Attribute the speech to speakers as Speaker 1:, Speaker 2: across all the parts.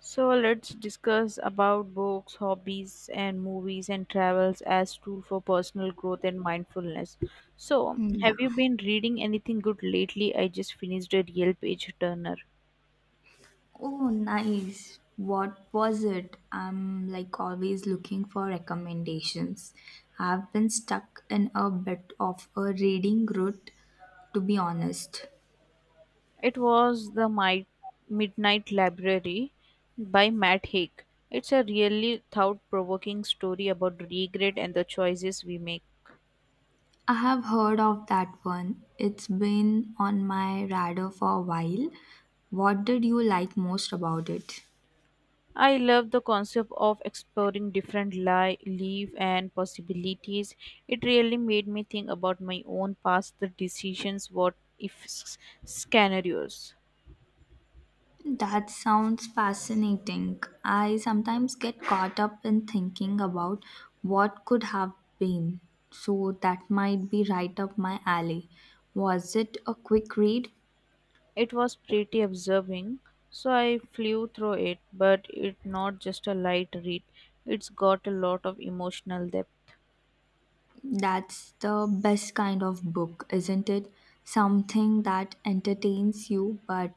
Speaker 1: So let's discuss about books, hobbies, and movies and travels as tool for personal growth and mindfulness. So,
Speaker 2: Mm, yeah.
Speaker 1: have you been reading anything good lately? I just finished a real page turner.
Speaker 2: Oh, nice. What was it? I'm like always looking for recommendations. I've been stuck in a bit of a reading rut, to be honest.
Speaker 1: It was the Midnight Library by Matt Haig. It's a really thought-provoking story about regret and the choices we make.
Speaker 2: I have heard of that one. It's been on my radar for a while. What did you like most about it?
Speaker 1: I love the concept of exploring different life and possibilities. It really made me think about my own past, the decisions, what if s- scenarios.
Speaker 2: That sounds fascinating. I sometimes get caught up in thinking about what could have been. So that might be right up my alley. Was it a quick read?
Speaker 1: It was pretty absorbing, so I flew through it, but it's not just a light read. It's got a lot of emotional depth.
Speaker 2: That's the best kind of book, isn't it? Something that entertains you but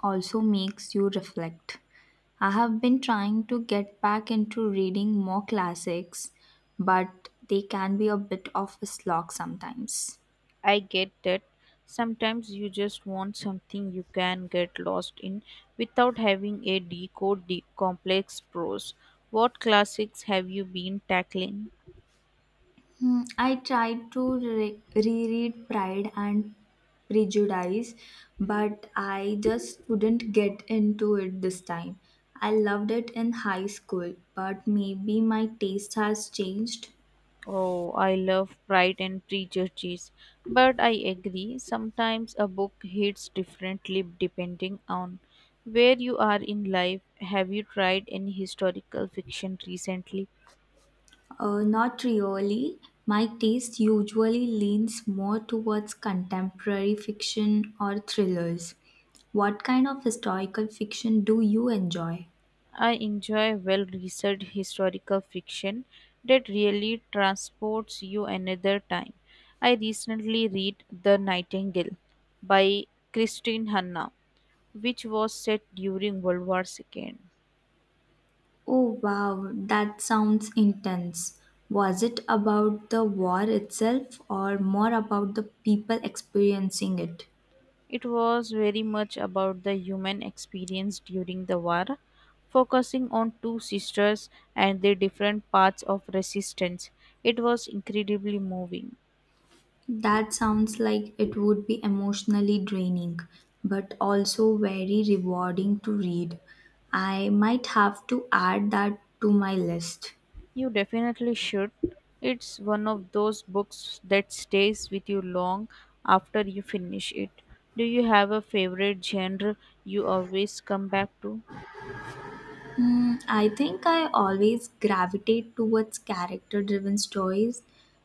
Speaker 2: also makes you reflect. I have been trying to get back into reading more classics, but they can be a bit of a slog sometimes.
Speaker 1: I get that sometimes you just want something you can get lost in without having a complex prose. What classics have you been tackling?
Speaker 2: Hmm, I tried to reread Pride and Prejudice, but I just couldn't get into it this time. I loved it in high school, but maybe my taste has changed.
Speaker 1: Oh, I love Pride and Prejudice, but I agree sometimes a book hits differently depending on where you are in life. Have you tried any historical fiction recently?
Speaker 2: Not really. My taste usually leans more towards contemporary fiction or thrillers. What kind of historical fiction do you enjoy?
Speaker 1: I enjoy well researched historical fiction that really transports you another time. I recently read The Nightingale by Christine Hanna, which was set during World War II.
Speaker 2: Oh wow, that sounds intense. Was it about the war itself or more about the people experiencing it?
Speaker 1: It was very much about the human experience during the war, focusing on two sisters and their different paths of resistance. It was incredibly moving.
Speaker 2: That sounds like it would be emotionally draining, but also very rewarding to read. I might have to add that to my list.
Speaker 1: You definitely should. It's one of those books that stays with you long after you finish it. Do you have a favorite genre you always come back to?
Speaker 2: Hmm, I think I always gravitate towards character driven stories,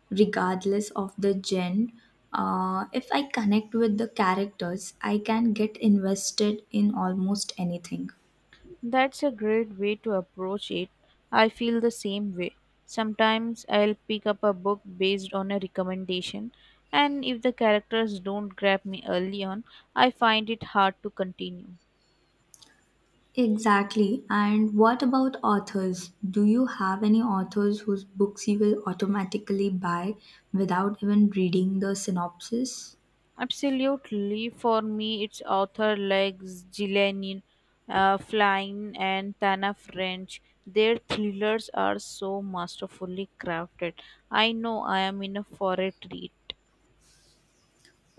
Speaker 2: regardless of the genre. If I connect with the characters, I can get invested in almost anything.
Speaker 1: That's a great way to approach it. I feel the same way. Sometimes I'll pick up a book based on a recommendation, and if the characters don't grab me early on, I find it hard to continue.
Speaker 2: Exactly. And what about authors? Do you have any authors whose books you will automatically buy without even reading the synopsis?
Speaker 1: Absolutely. For me, it's author like Gillian Flynn and Tana French. Their thrillers are so masterfully crafted. I know I am in a for a treat.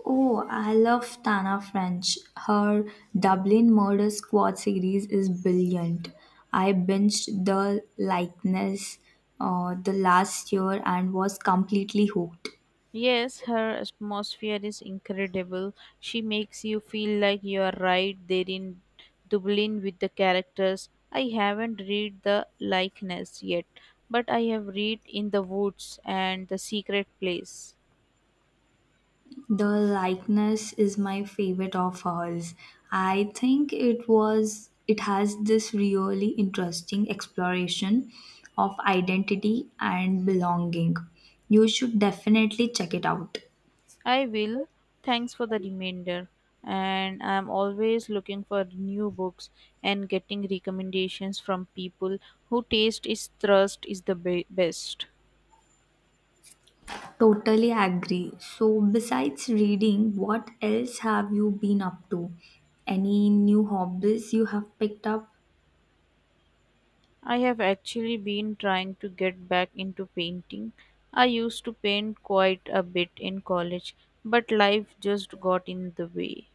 Speaker 2: Oh, I love Tana French. Her Dublin Murder Squad series is brilliant. I binged the likeness the last year and was completely hooked.
Speaker 1: Yes, her atmosphere is incredible. She makes you feel like you are right there in Dublin with the characters. I haven't read the likeness yet, but I have read In the Woods and The Secret Place.
Speaker 2: The likeness is my favorite of hers. I think it was It has this really interesting exploration of identity and belonging. You should definitely check it out.
Speaker 1: I will. Thanks for the reminder. And I'm always looking for new books and getting recommendations from people who taste is the best.
Speaker 2: Totally agree. So, besides reading, what else have you been up to? Any new hobbies you have picked up?
Speaker 1: I have actually been trying to get back into painting. I used to paint quite a bit in college, but life just got in the way.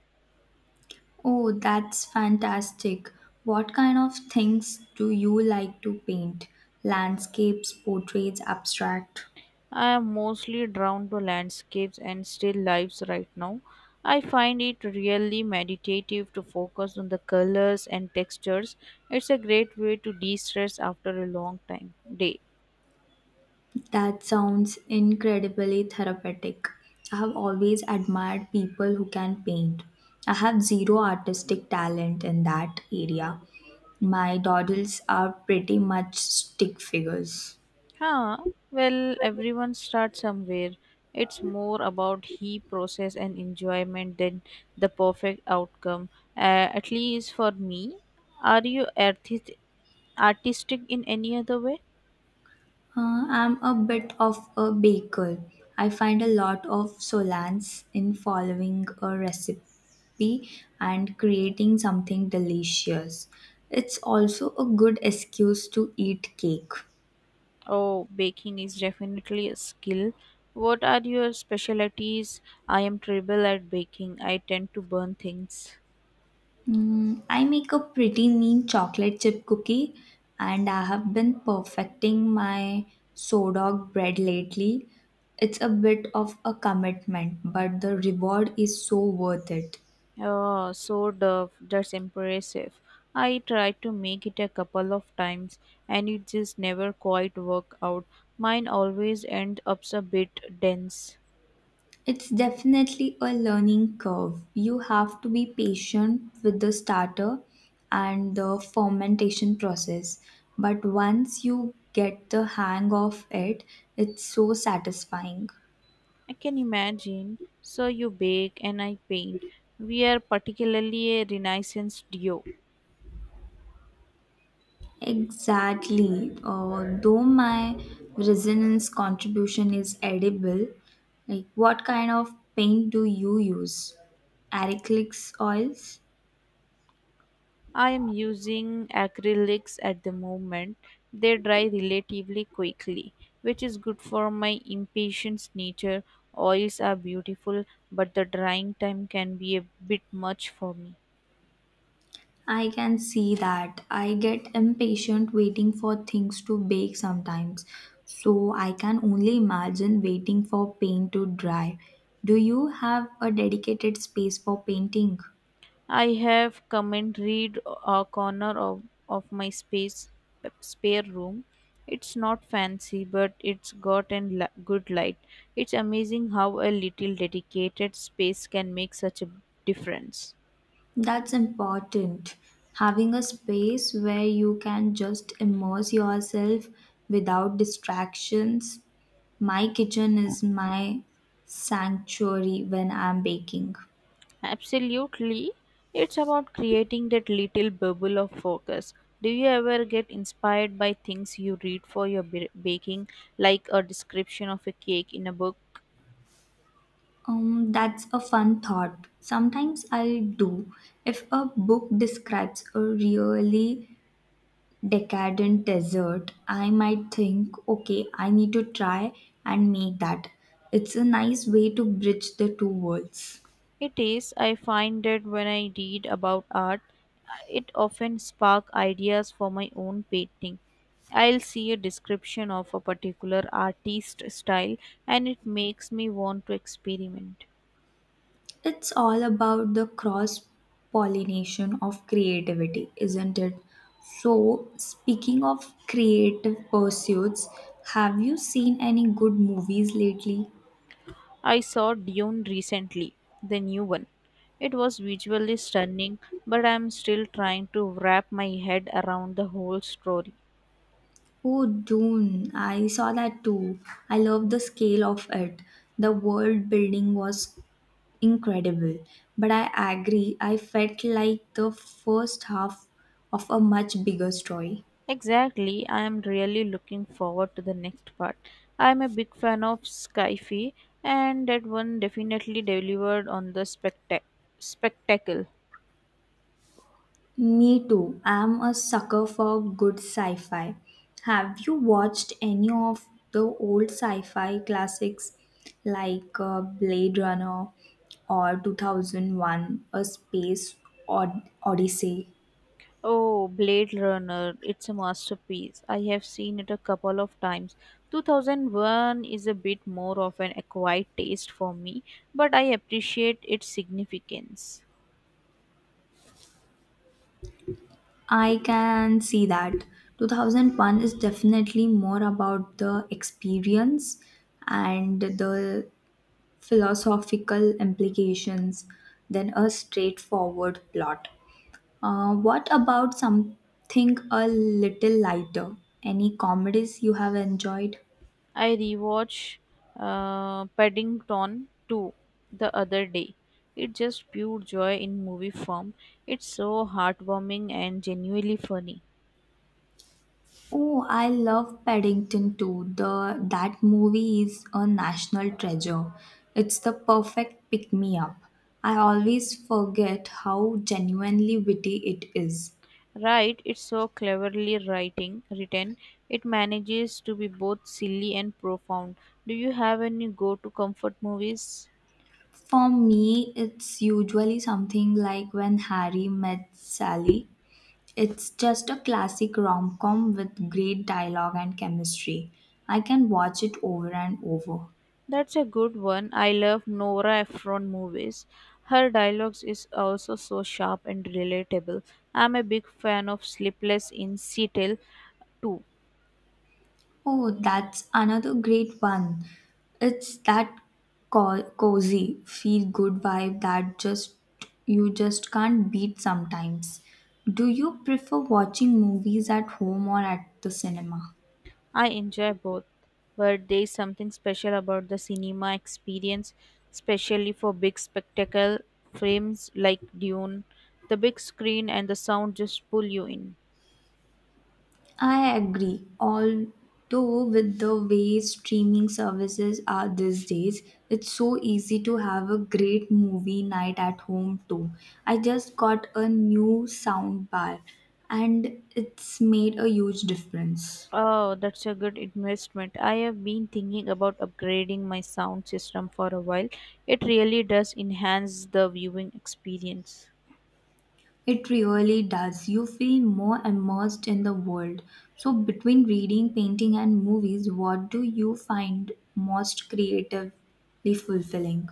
Speaker 2: Oh, that's fantastic. What kind of things do you like to paint? Landscapes, portraits, abstract?
Speaker 1: I am mostly drawn to landscapes and still lifes right now. I find it really meditative to focus on the colors and textures. It's a great way to de-stress after a long time day.
Speaker 2: That sounds incredibly therapeutic. I have always admired people who can paint. I have zero artistic talent in that area. My doodles are pretty much stick figures.
Speaker 1: Huh? Well, everyone starts somewhere. It's more about he process and enjoyment than the perfect outcome. At least for me. Are you artistic in any other way?
Speaker 2: I'm a bit of a baker. I find a lot of solace in following a recipe and creating something delicious. It's also a good excuse to eat cake.
Speaker 1: Oh, baking is definitely a skill. What are your specialties? I am terrible at baking. I tend to burn things.
Speaker 2: Mm, I make a pretty mean chocolate chip cookie, and I have been perfecting my sourdough bread lately. It's a bit of a commitment, but the reward is so worth it.
Speaker 1: Oh, so dove. That's impressive. I tried to make it a couple of times and it just never quite worked out. Mine always ends up a bit dense.
Speaker 2: It's definitely a learning curve. You have to be patient with the starter and the fermentation process, but once you get the hang of it, it's so satisfying.
Speaker 1: I can imagine. So you bake and I paint. We are particularly a renaissance duo.
Speaker 2: Exactly. Though my resonance contribution is edible, like what kind of paint do you use? Acrylics oils?
Speaker 1: I am using acrylics at the moment. They dry relatively quickly, which is good for my impatient nature. Oils are beautiful, but the drying time can be a bit much for me.
Speaker 2: I can see that. I get impatient waiting for things to bake sometimes. So I can only imagine waiting for paint to dry. Do you have a dedicated space for painting?
Speaker 1: I have come and read a corner of my space spare room. It's not fancy, but it's got a good light. It's amazing how a little dedicated space can make such a difference.
Speaker 2: That's important. Having a space where you can just immerse yourself without distractions. My kitchen is my sanctuary when I'm baking.
Speaker 1: Absolutely. It's about creating that little bubble of focus. Do you ever get inspired by things you read for your baking, like a description of a cake in a book?
Speaker 2: That's a fun thought. Sometimes I do if a book describes a really decadent dessert, I might think, okay, I need to try and make that. It's a nice way to bridge the two worlds.
Speaker 1: It is. I find that when I read about art, it often spark ideas for my own painting. I'll see a description of a particular artist style and it makes me want to experiment.
Speaker 2: It's all about the cross pollination of creativity, isn't it? So, speaking of creative pursuits, have you seen any good movies lately?
Speaker 1: I saw Dune recently, the new one. It was visually stunning, but I'm still trying to wrap my head around the whole story.
Speaker 2: Oh, Dune, I saw that too. I love the scale of it. The world building was incredible. But I agree, I felt like the first half of a much bigger story.
Speaker 1: Exactly, I am really looking forward to the next part. I'm a big fan of Skyfi, and that one definitely delivered on the spectacle.
Speaker 2: Me too. I'm a sucker for good sci fi. Have you watched any of the old sci fi classics like Blade Runner or 2001 A Space Odyssey?
Speaker 1: Oh, Blade Runner, it's a masterpiece. I have seen it a couple of times. 2001 is a bit more of an acquired taste for me, but I appreciate its significance.
Speaker 2: I can see that. 2001 is definitely more about the experience and the philosophical implications than a straightforward plot. What about something a little lighter? Any comedies you have enjoyed?
Speaker 1: I rewatched Paddington 2 the other day. It's just pure joy in movie form. It's so heartwarming and genuinely funny.
Speaker 2: Oh, I love Paddington too. The That movie is a national treasure. It's the perfect pick me up. I always forget how genuinely witty it is.
Speaker 1: Right, it's so cleverly writing written. It manages to be both silly and profound. Do you have any go-to comfort movies?
Speaker 2: For me, it's usually something like when Harry met Sally. It's just a classic rom com with great dialogue and chemistry. I can watch it over and over.
Speaker 1: That's a good one. I love Nora Ephron movies. Her dialogues is also so sharp and relatable. I'm a big fan of Sleepless in Seattle too.
Speaker 2: Oh, that's another great one. It's that cozy, feel good vibe that just you just can't beat sometimes. Do you prefer watching movies at home or at the cinema?
Speaker 1: I enjoy both, but there's something special about the cinema experience, especially for big spectacle films like Dune. The big screen and the sound just pull you in.
Speaker 2: I agree. Although, with the way streaming services are these days, it's so easy to have a great movie night at home too. I just got a new sound bar and it's made a huge difference.
Speaker 1: Oh, that's a good investment. I have been thinking about upgrading my sound system for a while. It really does enhance the viewing experience.
Speaker 2: It really does. You feel more immersed in the world. So, between reading, painting, and movies, what do you find most creatively fulfilling?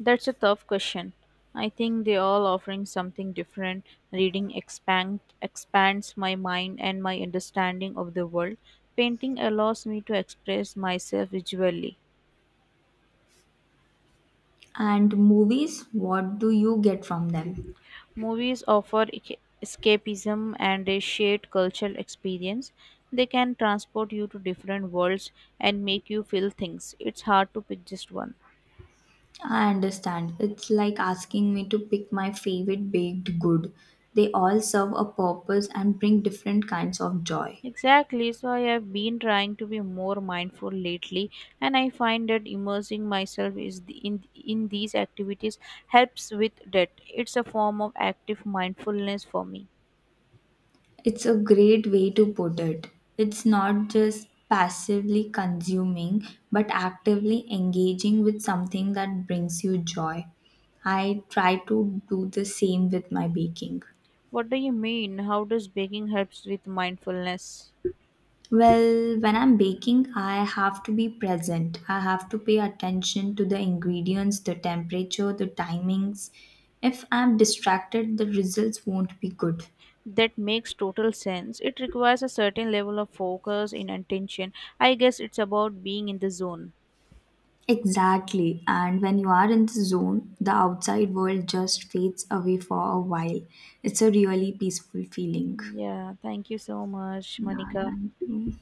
Speaker 1: That's a tough question. I think they all offering something different. Reading expands my mind and my understanding of the world. Painting allows me to express myself visually.
Speaker 2: And movies, what do you get from them?
Speaker 1: Movies offer escapism and a shared cultural experience. They can transport you to different worlds and make you feel things. It's hard to pick just one.
Speaker 2: I understand. It's like asking me to pick my favorite baked good. They all serve a purpose and bring different kinds of joy.
Speaker 1: Exactly. So I have been trying to be more mindful lately, and I find that immersing myself is the, in these activities helps with that. It's a form of active mindfulness for me.
Speaker 2: It's a great way to put it. It's not just passively consuming, but actively engaging with something that brings you joy. I try to do the same with my baking.
Speaker 1: What do you mean? How does baking helps with mindfulness?
Speaker 2: Well, when I'm baking, I have to be present. I have to pay attention to the ingredients, the temperature, the timings. If I'm distracted, the results won't be good.
Speaker 1: That makes total sense. It requires a certain level of focus and attention. I guess it's about being in the zone.
Speaker 2: Exactly. And when you are in the zone, the outside world just fades away for a while. It's a really peaceful feeling.
Speaker 1: Yeah, thank you so much,
Speaker 2: Yeah,
Speaker 1: Monica.
Speaker 2: thank you.